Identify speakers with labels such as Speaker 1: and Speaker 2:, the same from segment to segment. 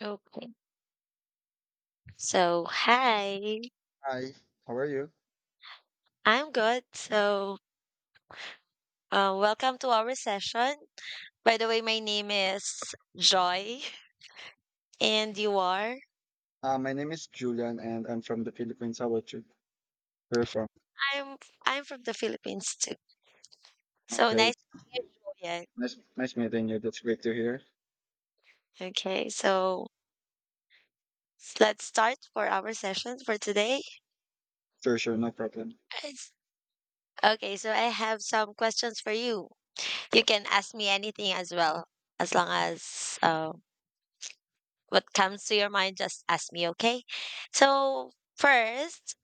Speaker 1: Okay. So, hi.
Speaker 2: Hi, how are you?
Speaker 1: I'm good. So, welcome to our session. By the way, my name is Joy, and you are?
Speaker 2: My name is Julian and I'm from the Philippines. How about you? Where from?
Speaker 1: I'm I'm from the Philippines too. So
Speaker 2: Okay,
Speaker 1: nice to meet you, Joy.
Speaker 2: nice meeting you. That's great to hear.
Speaker 1: Okay. So let's start for our session for today.
Speaker 2: Sure, sure, no problem.
Speaker 1: It's- Okay. So I have some questions for you. You can ask me anything as well, as long as what comes to your mind. Just ask me. Okay. So first.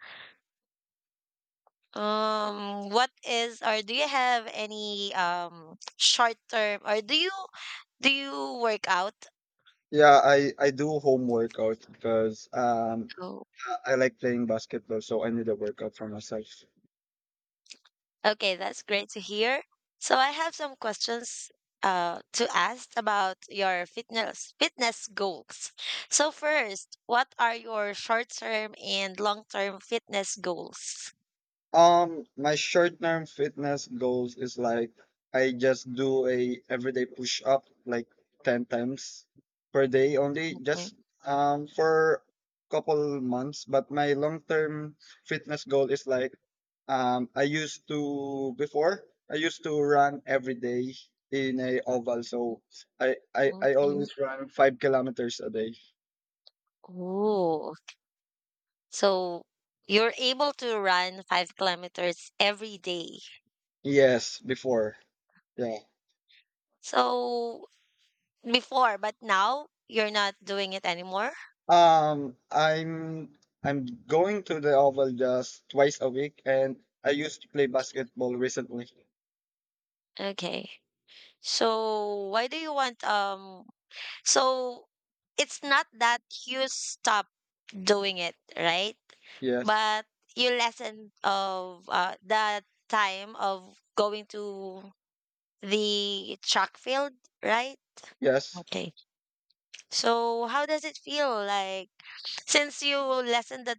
Speaker 1: What is or do you have any short term or do you work out?
Speaker 2: Yeah, I do home workouts because
Speaker 1: Oh,
Speaker 2: I like playing basketball, so I need a workout for myself.
Speaker 1: okay, that's great to hear. So I have some questions to ask about your fitness goals. So first, what are your short term and long term fitness goals?
Speaker 2: My short term fitness goals is like I just do a everyday push up like 10 times per day only,
Speaker 1: Okay.
Speaker 2: just for couple months. But my long term fitness goal is like um I used to before I used to run every day in a oval, so I
Speaker 1: Okay.
Speaker 2: always run 5 kilometers a day.
Speaker 1: Oh, so you're able to run 5 kilometers every day.
Speaker 2: Yes, before. Yeah.
Speaker 1: So before, but now you're not doing it anymore?
Speaker 2: Um, I'm I'm going to the oval just 2 times a week, and I used to play basketball recently.
Speaker 1: Okay. So why do you want so it's not that you stop doing it, right?
Speaker 2: Yes,
Speaker 1: But you lessen of the time of going to the track field, right?
Speaker 2: yes.
Speaker 1: Okay. So how does it feel like since you lessen the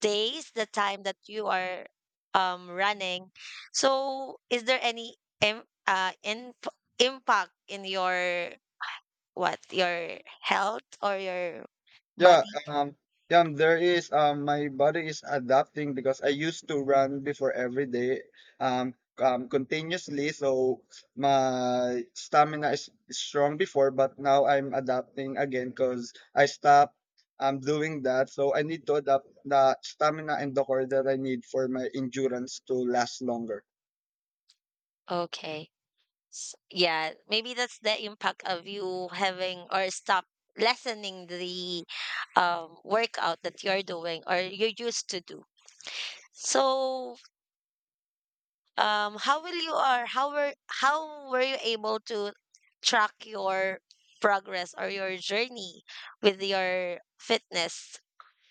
Speaker 1: days, the time that you are running. So is there any im in impact in your what your health or your
Speaker 2: Yeah,
Speaker 1: body?
Speaker 2: um, yeah, there is my body is adapting because I used to run before every day continuously, so my stamina is strong before, but now I'm adapting again because I stopped doing that, so I need to adapt the stamina and the core that I need for my endurance to last longer.
Speaker 1: Okay. Yeah, maybe that's the impact of you having or stop lessening the workout that you're doing or you used to do. So how will you or how were you able to track your progress or your journey with your fitness?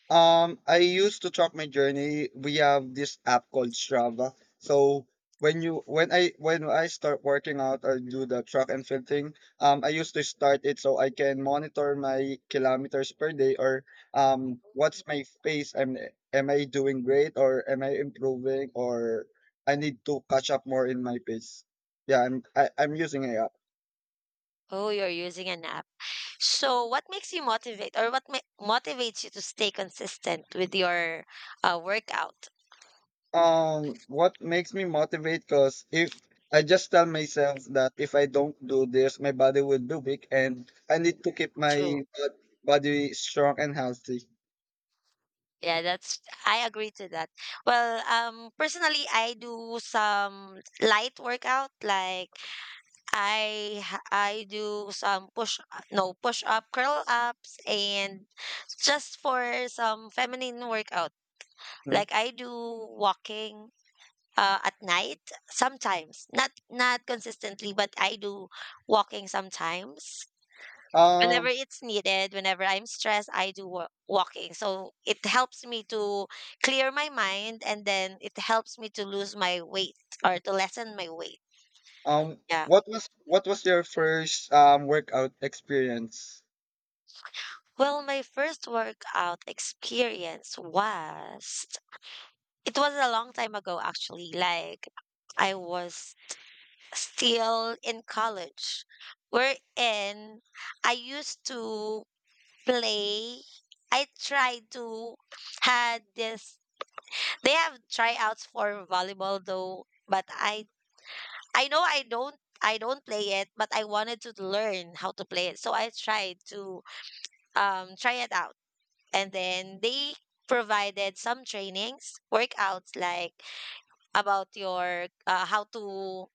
Speaker 2: I used to track my journey. We have this app called Strava. So when I start working out or do the track and field thing, I used to start it so I can monitor my kilometers per day or what's my pace? Am I doing great, or am I improving, or I need to catch up more in my pace? Yeah, I'm using it.
Speaker 1: Oh, you're using an app. So what makes you motivate or what motivates you to stay consistent with your workout?
Speaker 2: What makes me motivate? Because if I just tell myself that if I don't do this, my body will be weak, and I need to keep
Speaker 1: True.
Speaker 2: my body strong and healthy.
Speaker 1: Yeah, that's, I agree to that. Well, personally I do some light workout, like I do some push no push up, curl ups, and just for some feminine workout.
Speaker 2: Hmm.
Speaker 1: Like I do walking at night sometimes. Not consistently, but I do walking sometimes. Whenever
Speaker 2: Um,
Speaker 1: it's needed, whenever I'm stressed, I do walking. So it helps me to clear my mind, and then it helps me to lose my weight or to lessen my weight. Yeah.
Speaker 2: what was your first workout experience?
Speaker 1: Well, my first workout experience was, it was a long time ago actually. Like I was still in college. Wherein I used to play, I tried to, had this, they have tryouts for volleyball though, but I know I don't play it, but I wanted to learn how to play it. So I tried to try it out. And then they provided some trainings, workouts, like about your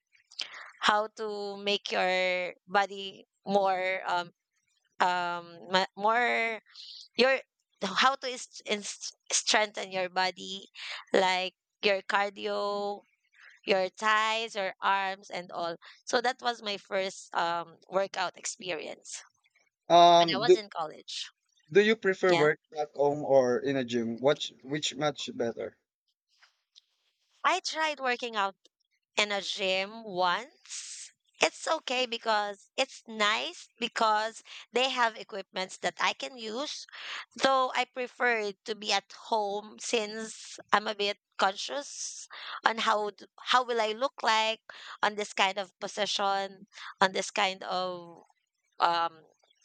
Speaker 1: how to make your body more more, your how to is strengthen your body, like your cardio, your thighs, your arms, and all. So that was my first workout experience when I
Speaker 2: Um, do
Speaker 1: was in college.
Speaker 2: do you prefer
Speaker 1: Yeah,
Speaker 2: work at home or in a gym? Which much better?
Speaker 1: I tried working out in a gym once. It's okay because it's nice because they have equipments that I can use. Though I prefer to be at home since I'm a bit conscious on how will I look like on this kind of position, on this kind of um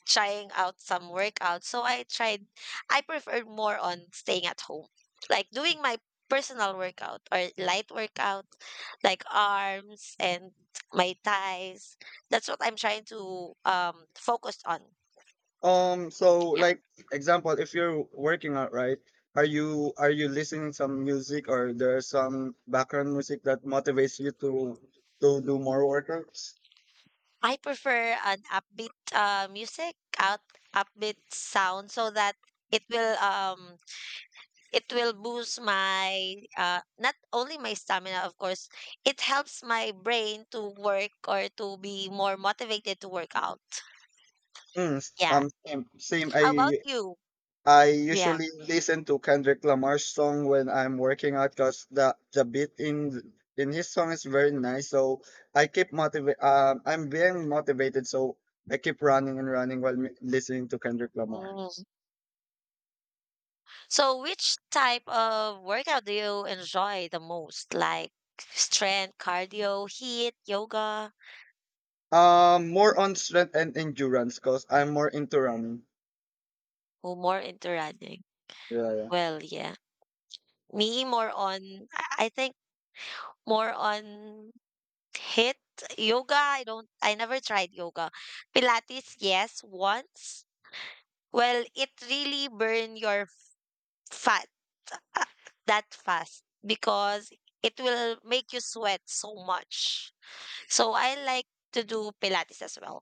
Speaker 1: trying out some workouts. So I preferred more on staying at home. Like doing my personal workout or light workout, like arms and my thighs. That's what I'm trying to focus on.
Speaker 2: So
Speaker 1: Yeah.
Speaker 2: like example, if you're working out, right? Are you listening some music, or there's some background music that motivates you to do more workouts?
Speaker 1: I prefer an upbeat music, out upbeat sound, so that it will it will boost my not only my stamina, of course. It helps my brain to work or to be more motivated to work out.
Speaker 2: Mm,
Speaker 1: Yeah.
Speaker 2: same.
Speaker 1: How about
Speaker 2: I
Speaker 1: you?
Speaker 2: I
Speaker 1: Yeah.
Speaker 2: usually listen to Kendrick Lamar's song when I'm working out because the beat in his song is very nice. So I keep motivate. I'm being motivated, so I keep running and running while listening to Kendrick Lamar.
Speaker 1: Mm. So which type of workout do you enjoy the most, like strength, cardio, heat, yoga,
Speaker 2: More on strength and endurance, cause I'm more into running.
Speaker 1: or more into running?
Speaker 2: Yeah, yeah.
Speaker 1: Well, yeah, me more on, I think more on hit. Yoga, I don't, I never tried yoga. Pilates, yes, once. Well, it really burn your fat uh, that fast because it will make you sweat so much. So I like to do pilates as well.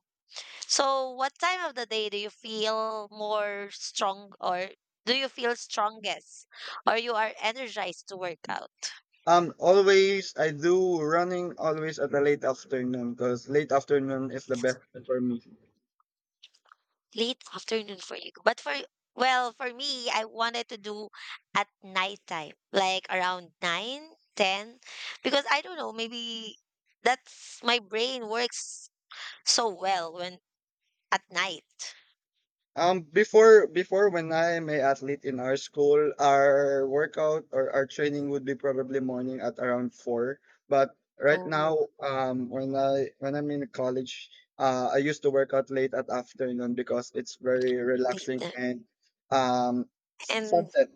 Speaker 1: So what time of the day do you feel more strong, or do you feel strongest, or you are energized to work out?
Speaker 2: Always I do running always at the late afternoon, cause late afternoon is the best for me.
Speaker 1: Late afternoon for you. But for, well, for me, I wanted to do at nighttime, like around 9, 10, because I don't know, maybe that's my brain works so well when at night.
Speaker 2: Before when I'm a athlete in our school, our workout or our training would be probably morning at around four. But right now,
Speaker 1: Oh,
Speaker 2: when I'm in college, I used to work out late at afternoon because it's very
Speaker 1: late
Speaker 2: relaxing
Speaker 1: night.
Speaker 2: and um
Speaker 1: And
Speaker 2: sunset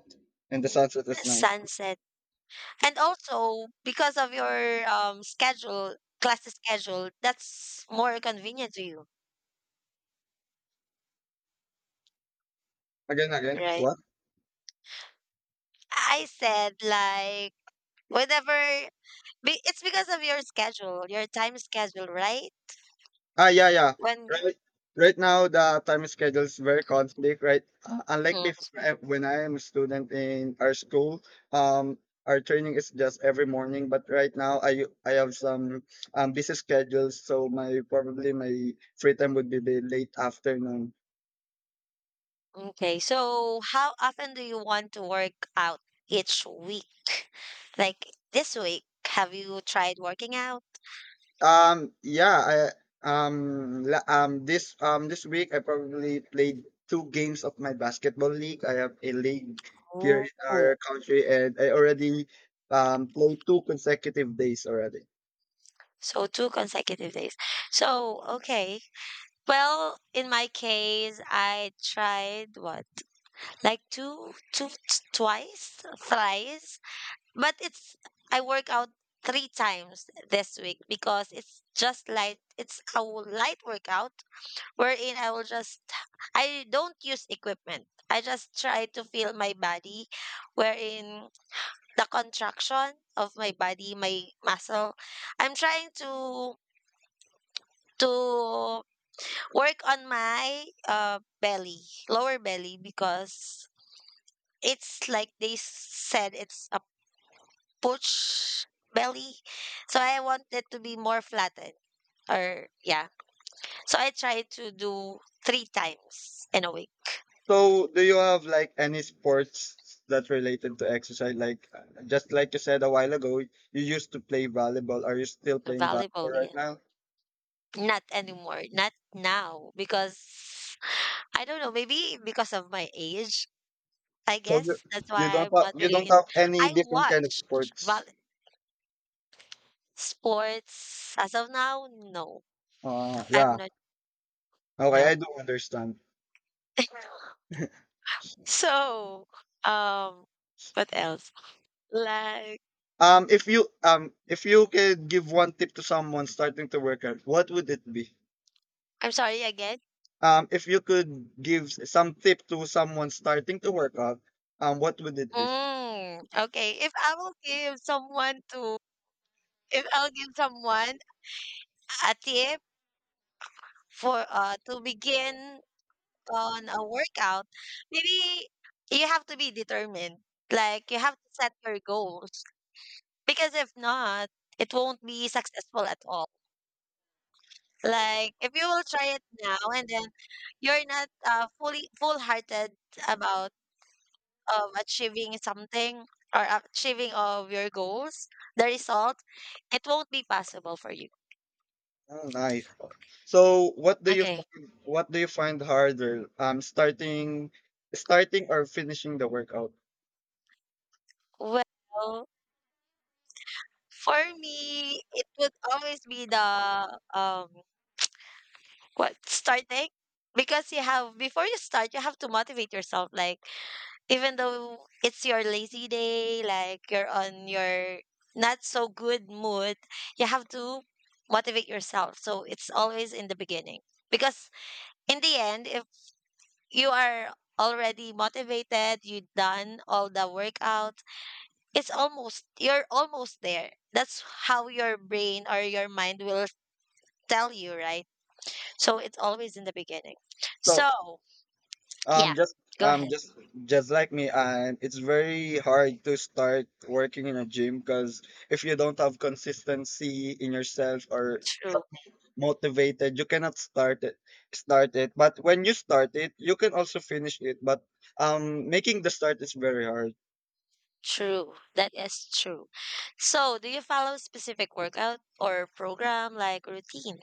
Speaker 2: and the
Speaker 1: mm,
Speaker 2: sunset is nice.
Speaker 1: sunset. And also because of your schedule, class schedule, that's more convenient to you,
Speaker 2: Again, again,
Speaker 1: right?
Speaker 2: what?
Speaker 1: I said like whenever, it's because of your schedule, your time schedule, right?
Speaker 2: Ah, yeah, yeah.
Speaker 1: When you-
Speaker 2: Right, right now the time schedules very conflict, right? Unlike
Speaker 1: Mm,
Speaker 2: before, when I am a student in our school, um, our training is just every morning. But right now, I have some busy schedules, so my probably my free time would be the late afternoon.
Speaker 1: okay, so how often do you want to work out each week? Like this week, have you tried working out?
Speaker 2: Yeah, I this week I probably played 2 games of my basketball league. I have a league here in
Speaker 1: Oh,
Speaker 2: our country, and I already played 2 consecutive days already.
Speaker 1: so two consecutive days. So okay. Well, in my case, I tried what, like two, two, twice, thrice. But it's, I work out three times this week because it's just light. It's a light workout wherein I will just, I don't use equipment. I just try to feel my body, wherein the contraction of my body, my muscle. I'm trying to work on my belly, lower belly because it's like they said it's a pooch belly. So I want it to be more flattened, or yeah. So I try to do three times in a week.
Speaker 2: So, do you have like any sports that's related to exercise? Like just like you said a while ago, you used to play volleyball. Are you still playing volleyball
Speaker 1: Volleyball,
Speaker 2: right
Speaker 1: yeah.
Speaker 2: now?
Speaker 1: Not anymore. Not now because I don't know, maybe because of my age, I
Speaker 2: So you
Speaker 1: guess. That's
Speaker 2: you
Speaker 1: why
Speaker 2: don't
Speaker 1: I'm
Speaker 2: have
Speaker 1: not
Speaker 2: you
Speaker 1: really
Speaker 2: don't
Speaker 1: in,
Speaker 2: have any
Speaker 1: I
Speaker 2: different kind of
Speaker 1: watch vol-
Speaker 2: sports.
Speaker 1: sports as of now, no. I'm
Speaker 2: Yeah.
Speaker 1: not,
Speaker 2: Okay,
Speaker 1: no.
Speaker 2: I do understand.
Speaker 1: So, um what else? Like,
Speaker 2: If you could give one tip to someone starting to work out, what would it be?
Speaker 1: I'm sorry again.
Speaker 2: If you could give some tip to someone starting to work out, what would it be?
Speaker 1: Mm, okay. If I will give someone to, if I'll give someone a tip for to begin on a workout, maybe you have to be determined. Like you have to set your goals because if not, it won't be successful at all. Like if you will try it now and then, you're not fully full-hearted about achieving something, or achieving of your goals, the result, it won't be possible for you.
Speaker 2: Oh, nice. So,
Speaker 1: Okay.
Speaker 2: what do you find harder? Starting or finishing the workout?
Speaker 1: Well, for me, it would always be the um what, starting, because you have, before you start, you have to motivate yourself. Like even though it's your lazy day, like you're on your not so good mood, you have to motivate yourself. So it's always in the beginning because in the end, if you are already motivated, you done all the workout. It's almost, you're almost there. That's how your brain or your mind will tell you, right? So it's always in the beginning.
Speaker 2: So,
Speaker 1: So, yeah,
Speaker 2: um, just
Speaker 1: go
Speaker 2: um,
Speaker 1: ahead.
Speaker 2: just just like me, and it's very hard to start working in a gym because if you don't have consistency in yourself or
Speaker 1: True.
Speaker 2: motivated, you cannot start it, but when you start it, you can also finish it. But making the start is very hard.
Speaker 1: True, that is true. So do you follow specific workout or program, like routine?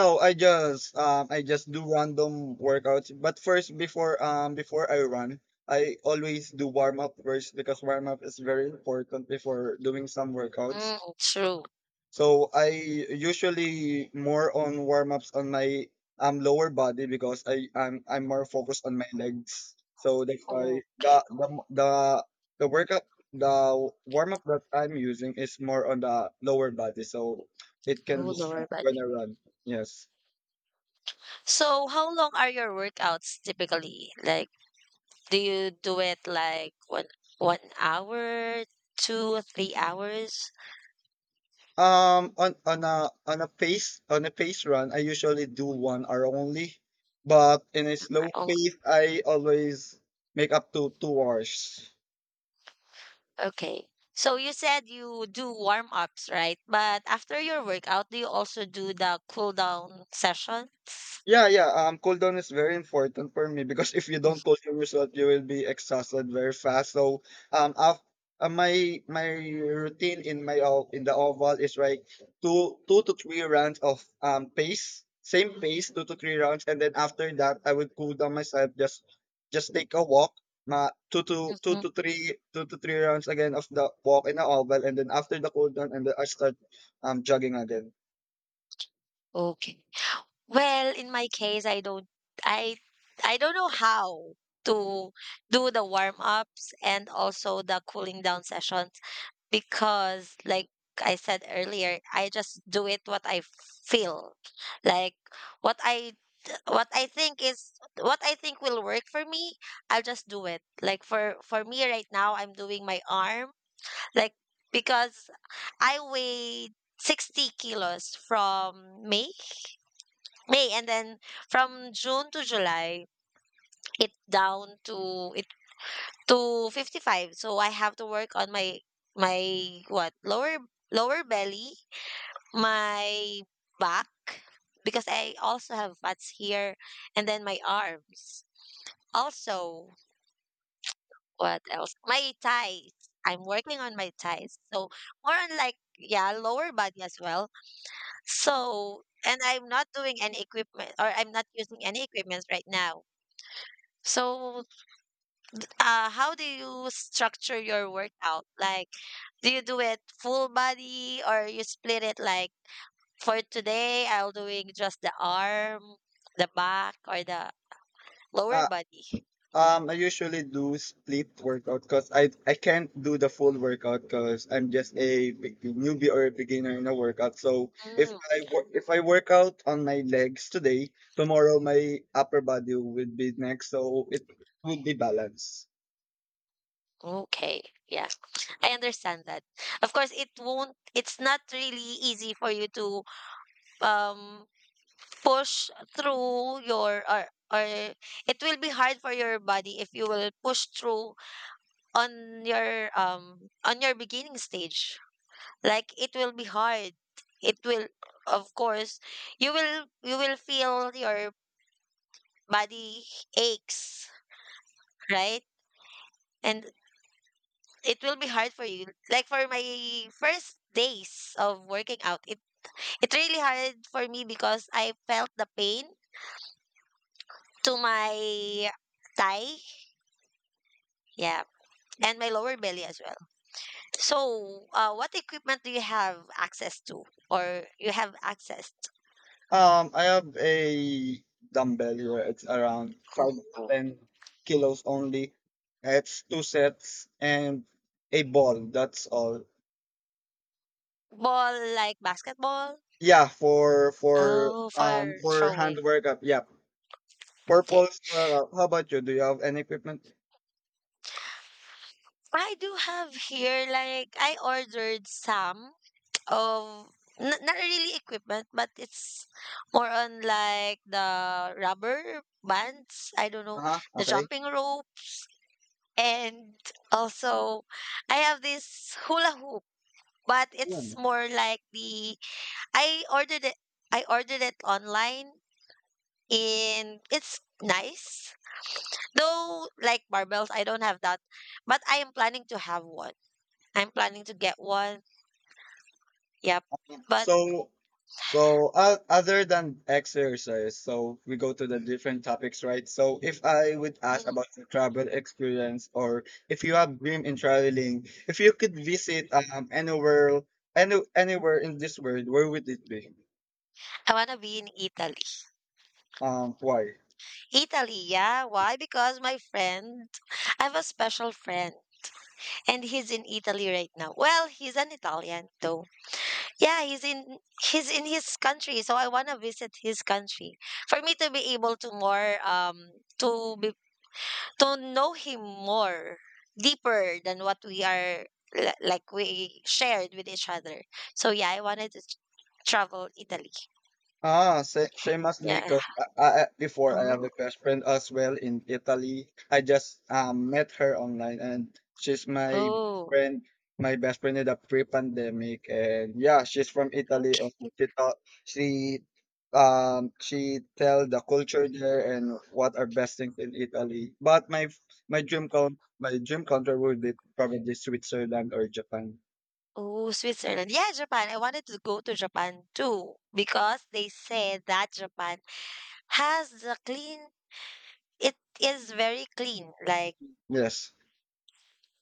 Speaker 2: No, I just do random workouts. But first, before I run, I always do warm up first because warm up is very important before doing some workouts.
Speaker 1: Mm, true.
Speaker 2: So I usually more on warm ups on my lower body because I'm more focused on my legs. So that's why
Speaker 1: Okay.
Speaker 2: the workout the warm up that I'm using is more on the lower body. So it can
Speaker 1: Oh, lower
Speaker 2: distract when
Speaker 1: body.
Speaker 2: I run. Yes.
Speaker 1: So how long are your workouts typically? Like, do you do it like one one hour, 2 or 3 hours?
Speaker 2: On a pace run I usually do 1 hour only, but in a slow
Speaker 1: Oh,
Speaker 2: pace I always make up to 2 hours.
Speaker 1: okay. So you said you do warm ups, right? But after your workout, do you also do the cool down sessions?
Speaker 2: Yeah, yeah. Cooldown is very important for me because if you don't cool down yourself, you will be exhausted very fast. So, um, af- my my routine in in the oval is like two to three rounds of pace, same pace, two to three rounds, and then after that, I would cool down myself. Just take a walk, ma two to
Speaker 1: Mhm.
Speaker 2: two to three rounds again of the walk in the oval, and then after the cooldown down, and then I start jogging again.
Speaker 1: Okay. Well, in my case, I don't, I, I don't know how to do the warm ups and also the cooling down sessions. Because like I said earlier, I just do it what I feel. Like what I what I think is what I think will work for me, I'll just do it. Like for me right now, I'm doing my arm, like because I weighed 60 kilos from May, and then from June to July, it down to it to 55. So I have to work on my what? Lower belly, my back because I also have fats here, and then my arms. Also, what else? My thighs. I'm working on my thighs. So more on, like, yeah, lower body as well. So, and I'm not doing any equipment, or I'm not using any equipment right now. So how do you structure your workout? Like do you do it full body, or you split it, like for today, I'll doing just the arm, the back, or the lower body.
Speaker 2: I usually do split workout because I can't do the full workout because I'm just a newbie or a beginner in a workout. So
Speaker 1: Mm,
Speaker 2: if I work out on my legs today, tomorrow my upper body will be next, so it will be balanced.
Speaker 1: okay. Yeah, I understand that. Of course, it won't, it's not really easy for you to um push through your, or it will be hard for your body if you will push through on your beginning stage. Like it will be hard. It will, of course, you will feel your body aches, right? And it will be hard for you. Like for my first days of working out, it really hard for me because I felt the pain to my thigh, yeah, and my lower belly as well. So, what equipment do you have access to, or you have access
Speaker 2: I have a dumbbell here. It's around five to
Speaker 1: to?
Speaker 2: ten kilos only. It's two sets and a ball. That's all.
Speaker 1: Ball like basketball?
Speaker 2: Yeah, for for
Speaker 1: Oh,
Speaker 2: um
Speaker 1: for
Speaker 2: for hand
Speaker 1: throwing.
Speaker 2: workup. Yeah.
Speaker 1: Okay.
Speaker 2: Purpose. How about you? Do you have any equipment?
Speaker 1: I do have here, like I ordered some of, not really equipment, but it's more on like the rubber bands, I don't know,
Speaker 2: Uh-huh.
Speaker 1: the
Speaker 2: Okay.
Speaker 1: jumping rope, and also I have this hula hoop, but it's
Speaker 2: Yun.
Speaker 1: more like the, I ordered it I ordered it online and it's nice. Though like barbells, I don't have that, but I am planning to have one. I'm planning to get one. Yep. But
Speaker 2: So so, other than exercise, so we go to the different topics, right? So if I would ask
Speaker 1: mm,
Speaker 2: about your travel experience, or if you have dream in traveling, if you could visit anywhere, anywhere in this world, where would it be?
Speaker 1: I want to be in Italy.
Speaker 2: Why?
Speaker 1: Italy, yeah. Why? Because my friend, I have a special friend, and he's in Italy right now. Well, he's an Italian though. Yeah, he's in his country, so I wanna visit his country for me to be able to more to be to know him more deeper than what we are like we shared with each other. So yeah, I wanted to travel Italy.
Speaker 2: Same as me,
Speaker 1: Yeah.
Speaker 2: cause before I have
Speaker 1: Oh,
Speaker 2: a best friend as well in Italy. I just met her online, and she's my
Speaker 1: oh,
Speaker 2: friend, my best friend in the pre-pandemic, and yeah, she's from Italy, and
Speaker 1: okay.
Speaker 2: she taught she tell the culture there and what are best things in Italy. But my dream country would be probably Switzerland or Japan.
Speaker 1: Oh, Switzerland. Yeah, Japan. I wanted to go to Japan too because they said that Japan has the clean, it is very clean. Like
Speaker 2: Yes,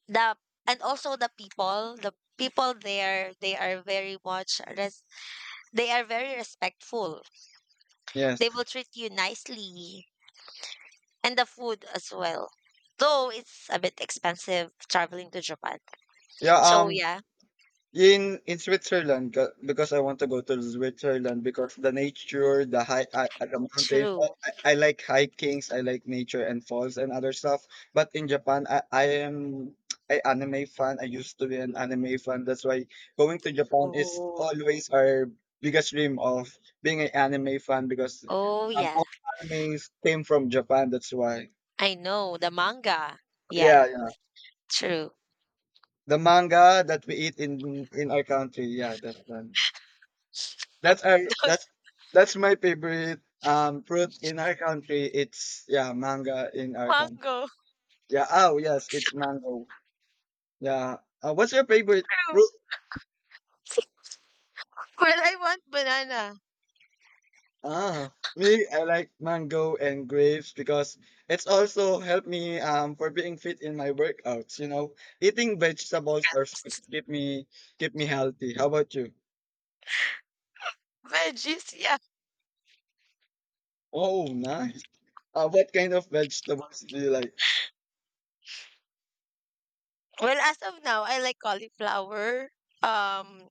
Speaker 1: the, and also the people there, they are very much, they are very respectful.
Speaker 2: yes,
Speaker 1: They will treat you nicely and the food as well. Though it's a bit expensive traveling to Japan.
Speaker 2: yeah.
Speaker 1: So yeah,
Speaker 2: In Switzerland, because I want to go to Switzerland because the nature, the mountains. I,
Speaker 1: true.
Speaker 2: I I like hikings, I like nature and falls and other stuff. But in Japan, I am a anime fan. I used to be an anime fan. That's why going to Japan is
Speaker 1: Oh,
Speaker 2: always our biggest dream of being an anime fan because
Speaker 1: oh yeah.
Speaker 2: all animes came from Japan. That's why.
Speaker 1: I know the manga. Yeah,
Speaker 2: Yeah, yeah.
Speaker 1: true.
Speaker 2: The manga that we eat in our country. Yeah, that's one. That's our
Speaker 1: Not
Speaker 2: that's my favorite fruit in our country. It's, yeah, manga in our country.
Speaker 1: mango.
Speaker 2: Yeah, oh yes, it's mango. Yeah. What's your favorite
Speaker 1: True.
Speaker 2: fruit?
Speaker 1: Well, I want banana.
Speaker 2: Me, I like mango and grapes because it's also helped me for being fit in my workouts. Eating vegetables or fruit keep me healthy. How about you?
Speaker 1: Veggies, yeah.
Speaker 2: Oh, nice. What kind of vegetables do you like?
Speaker 1: Well, as of now, I like cauliflower. Um,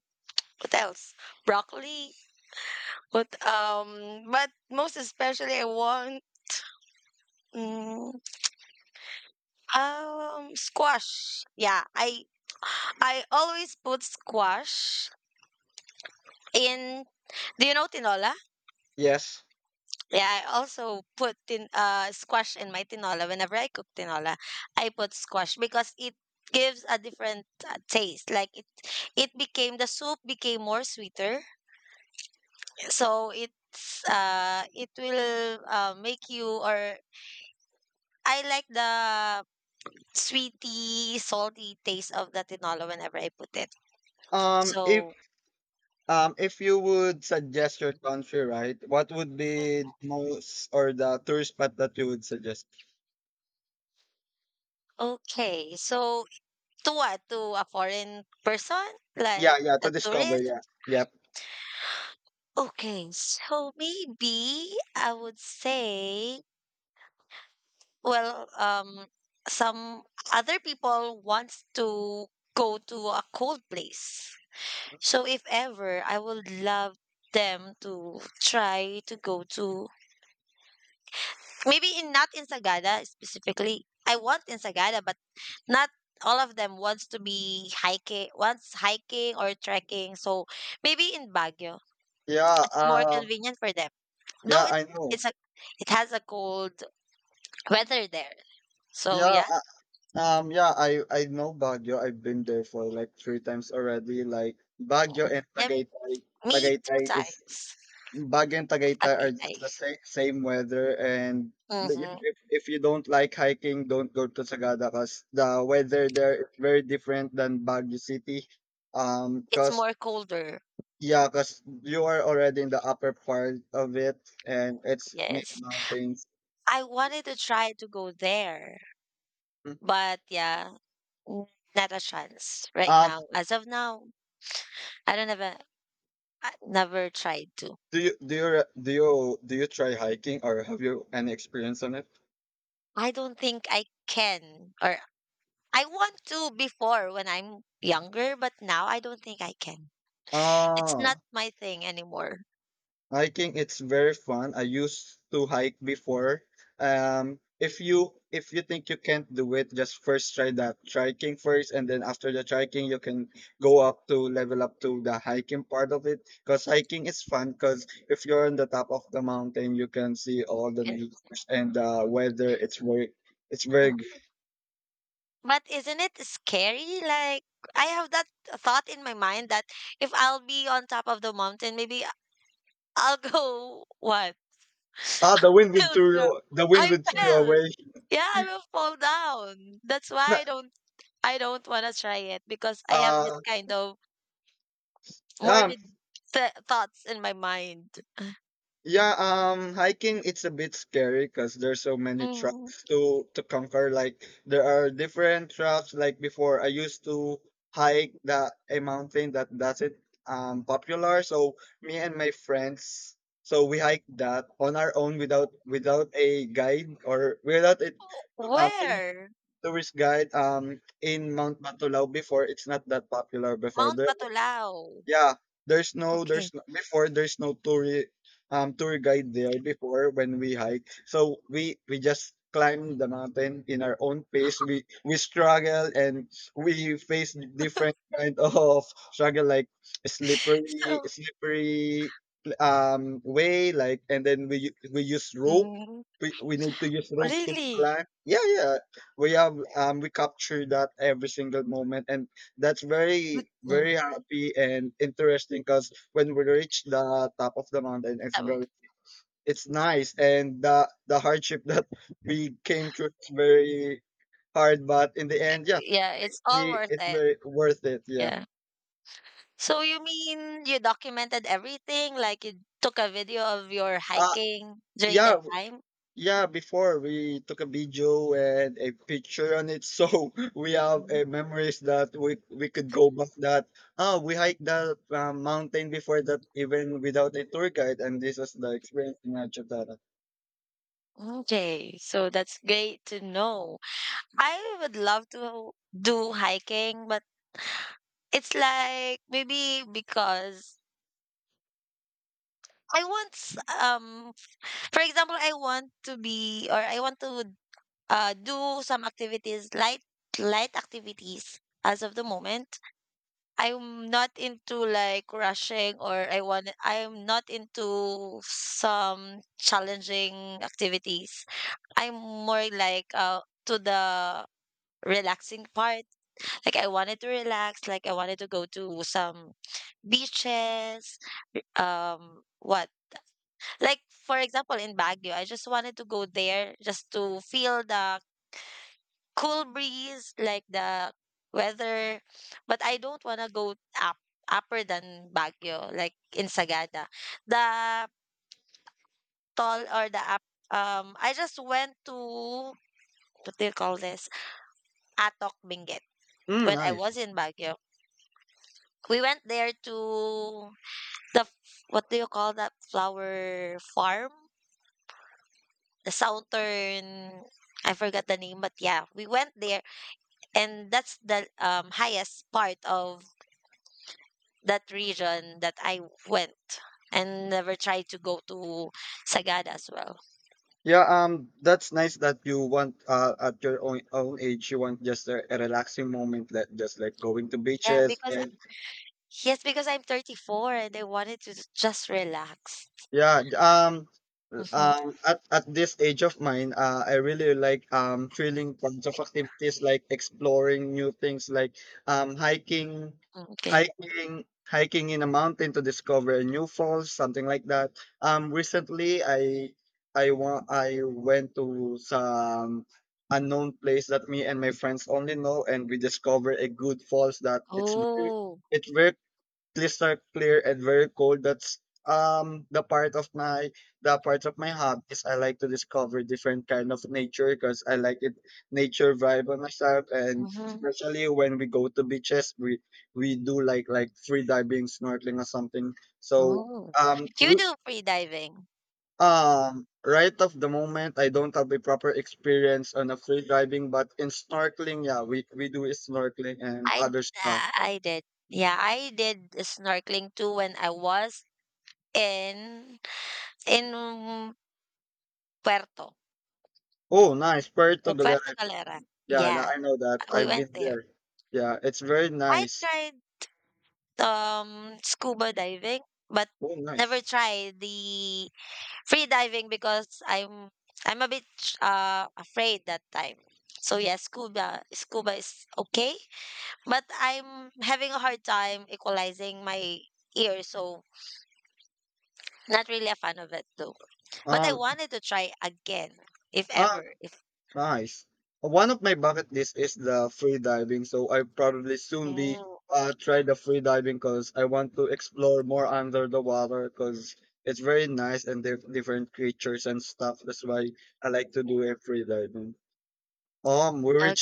Speaker 1: what else? Broccoli. What but most especially, I want mm, squash. Yeah, I always put squash in. Do you know tinola?
Speaker 2: Yes.
Speaker 1: Yeah, I also put tin squash in my tinola. Whenever I cook tinola, I put squash because it gives a different taste. It became the soup became more sweeter. So it will make you or I like the sweety, salty taste of the tinola whenever I put it.
Speaker 2: Um, if
Speaker 1: So
Speaker 2: If you would suggest your country, right, what would be the most or the tourist spot that you would suggest?
Speaker 1: okay, so to what? To a foreign person
Speaker 2: Yeah,
Speaker 1: like
Speaker 2: yeah, to
Speaker 1: a
Speaker 2: discover.
Speaker 1: tourist?
Speaker 2: Yeah, yep,
Speaker 1: Okay, so maybe I would say, well, some other people wants to go to a cold place. So if ever, I would love them to try to go to maybe in not in Sagada specifically. I want in Sagada, but not all of them wants to be hiking, wants hiking or trekking. So maybe in Baguio,
Speaker 2: yeah.
Speaker 1: it's more convenient for them. Though
Speaker 2: Yeah, I know.
Speaker 1: it's a it has a cold weather there. So
Speaker 2: Yeah,
Speaker 1: yeah.
Speaker 2: yeah, I know Baguio. I've been there for like 3 times already. Like Baguio and
Speaker 1: Yeah,
Speaker 2: Tagaytay.
Speaker 1: me two
Speaker 2: Tagaytay is
Speaker 1: times.
Speaker 2: Baguio and Tagaytay are
Speaker 1: Tagaytay.
Speaker 2: just the same weather, and
Speaker 1: Mm-hmm.
Speaker 2: if you don't like hiking, don't go to Sagada because the weather there is very different than Baguio City.
Speaker 1: It's
Speaker 2: Because
Speaker 1: more colder.
Speaker 2: Yeah, because you are already in the upper part of it, and it's mid
Speaker 1: Yes.
Speaker 2: mountains.
Speaker 1: I wanted to try to go there,
Speaker 2: Mm.
Speaker 1: but yeah, n- not a chance right
Speaker 2: Um,
Speaker 1: now. As of now, I don't have a I never tried to.
Speaker 2: do you re- do you try hiking, or have you any experience on it?
Speaker 1: I don't think I can or I want to before when I'm younger, but now I don't think I can. It's not
Speaker 2: Ah.
Speaker 1: my thing anymore.
Speaker 2: Hiking, it's very fun. I used to hike before. If you think you can't do it, just first try that trekking first, and then after the trekking, you can go up to level up to the hiking part of it. Because hiking is fun. Because if you're on the top of the mountain, you can see all the nature and the weather. It's
Speaker 1: But isn't it scary? Like I have that thought in my mind that if I'll be on top of the mountain, maybe I'll go what?
Speaker 2: the
Speaker 1: I'll dro-
Speaker 2: wind
Speaker 1: I
Speaker 2: would throw you
Speaker 1: fell.
Speaker 2: away.
Speaker 1: Yeah, I will fall down. That's why
Speaker 2: Na-
Speaker 1: I don't want to try it because I have this
Speaker 2: Uh,
Speaker 1: kind of
Speaker 2: yeah,
Speaker 1: morbid thoughts in my mind.
Speaker 2: Yeah, hiking, it's a bit scary because there's so many
Speaker 1: Mm.
Speaker 2: tracks to conquer. Like there are different tracks. Like before, I used to hike the a mountain that doesn't popular. So me and my friends, so we hiked that on our own without a guide or without a uh, tourist,
Speaker 1: Where?
Speaker 2: tourist guide. In Mount Batulao before, it's not that popular before.
Speaker 1: Mount
Speaker 2: There,
Speaker 1: Batolao.
Speaker 2: yeah,
Speaker 1: Okay.
Speaker 2: there's no tour guide there before when we hike. So we just climb the mountain in our own pace. We struggle and we face different kind of struggle like
Speaker 1: So,
Speaker 2: slippery way, like, and then we use rope.
Speaker 1: mm,
Speaker 2: We need to use rope to
Speaker 1: really?
Speaker 2: climb. Yeah, yeah. We have we capture that every single moment, and that's very
Speaker 1: Yeah,
Speaker 2: very happy and interesting because when we reach the top of the mountain,
Speaker 1: I would-
Speaker 2: it's nice, and the hardship that we came through is very hard, but in the end, yeah
Speaker 1: yeah,
Speaker 2: we,
Speaker 1: it's
Speaker 2: we,
Speaker 1: all worth
Speaker 2: it's
Speaker 1: it.
Speaker 2: very worth it, yeah.
Speaker 1: Yeah. So you mean you documented everything, like you took a video of your
Speaker 2: uh
Speaker 1: hiking during
Speaker 2: yeah
Speaker 1: that time?
Speaker 2: Yeah, before we took a video and a picture on it, so we have
Speaker 1: Mm,
Speaker 2: memories that we could go back. That, ah, we hiked that mountain before that, even without a tour guide, and this was the experience in Achutara.
Speaker 1: okay, so that's great to know. I would love to do hiking, but it's like maybe because I want s- um for example, I want to do some activities, light activities as of the moment. I'm not into like rushing or I'm not into some challenging activities. I'm more like to the relaxing part. Like I wanted to relax, like I wanted to go to some beaches, what? Like for example in Baguio, I just wanted to go there just to feel the cool breeze, like the weather. But I don't wanna go up upper than Baguio, like in Sagada. The tall or the up I just went to what do you call this? Atok Benguet
Speaker 2: Mm,
Speaker 1: when I
Speaker 2: nice.
Speaker 1: was in Baguio. We went there to the f- what do you call that flower farm? The Southern. I forgot the name, but yeah, we went there and that's the highest part of that region that I went and never tried to go to Sagada as well.
Speaker 2: Yeah, that's nice that you want, uh, at your own age, you want just a relaxing moment, that just like going to
Speaker 1: Yeah,
Speaker 2: beaches
Speaker 1: because
Speaker 2: and
Speaker 1: yes, because I'm 34 and I wanted to just relax.
Speaker 2: Yeah, j- um,
Speaker 1: Hmm.
Speaker 2: at this age of mine, I really like thrilling kinds of activities, like exploring new things like um hiking,
Speaker 1: Okay.
Speaker 2: hiking in a mountain to discover a new falls, something like that. Recently I want I went to some unknown place that me and my friends only know, and we discovered a good falls that
Speaker 1: Oh.
Speaker 2: it's very crystal clear and very cold. That's um the part of my the part of my hobbies. I like to discover different kind of nature because I like it, nature vibe on myself, and
Speaker 1: Hmm.
Speaker 2: especially when we go to beaches, we do like free diving, snorkeling, or something. So
Speaker 1: Oh.
Speaker 2: um
Speaker 1: You
Speaker 2: we-
Speaker 1: do free diving.
Speaker 2: right of the moment, I don't have a proper experience on a free diving, but in snorkeling, yeah, we do snorkeling and
Speaker 1: I d-
Speaker 2: other stuff.
Speaker 1: I did. Yeah, I did snorkeling too when I was in in Puerto,
Speaker 2: Oh, nice, Puerto
Speaker 1: Puerto
Speaker 2: Galera.
Speaker 1: Galera.
Speaker 2: Yeah,
Speaker 1: Yeah,
Speaker 2: I know that.
Speaker 1: we
Speaker 2: I've
Speaker 1: went
Speaker 2: been
Speaker 1: there.
Speaker 2: there. Yeah, it's very
Speaker 1: I
Speaker 2: nice.
Speaker 1: tried um, scuba diving, but
Speaker 2: Oh,
Speaker 1: never
Speaker 2: nice.
Speaker 1: tried the free diving because I'm a bit afraid that time. So yeah, scuba is okay, but I'm having a hard time equalizing my ears, so not really a fan of it though. But I
Speaker 2: Um,
Speaker 1: wanted to try again if
Speaker 2: ah,
Speaker 1: ever if.
Speaker 2: Nice. One of my bucket list is the free diving, so I probably soon be,
Speaker 1: Mm.
Speaker 2: uh, try the free diving because I want to explore more under the water because it's very nice and different creatures and stuff. That's why I like to do a free diving. We reached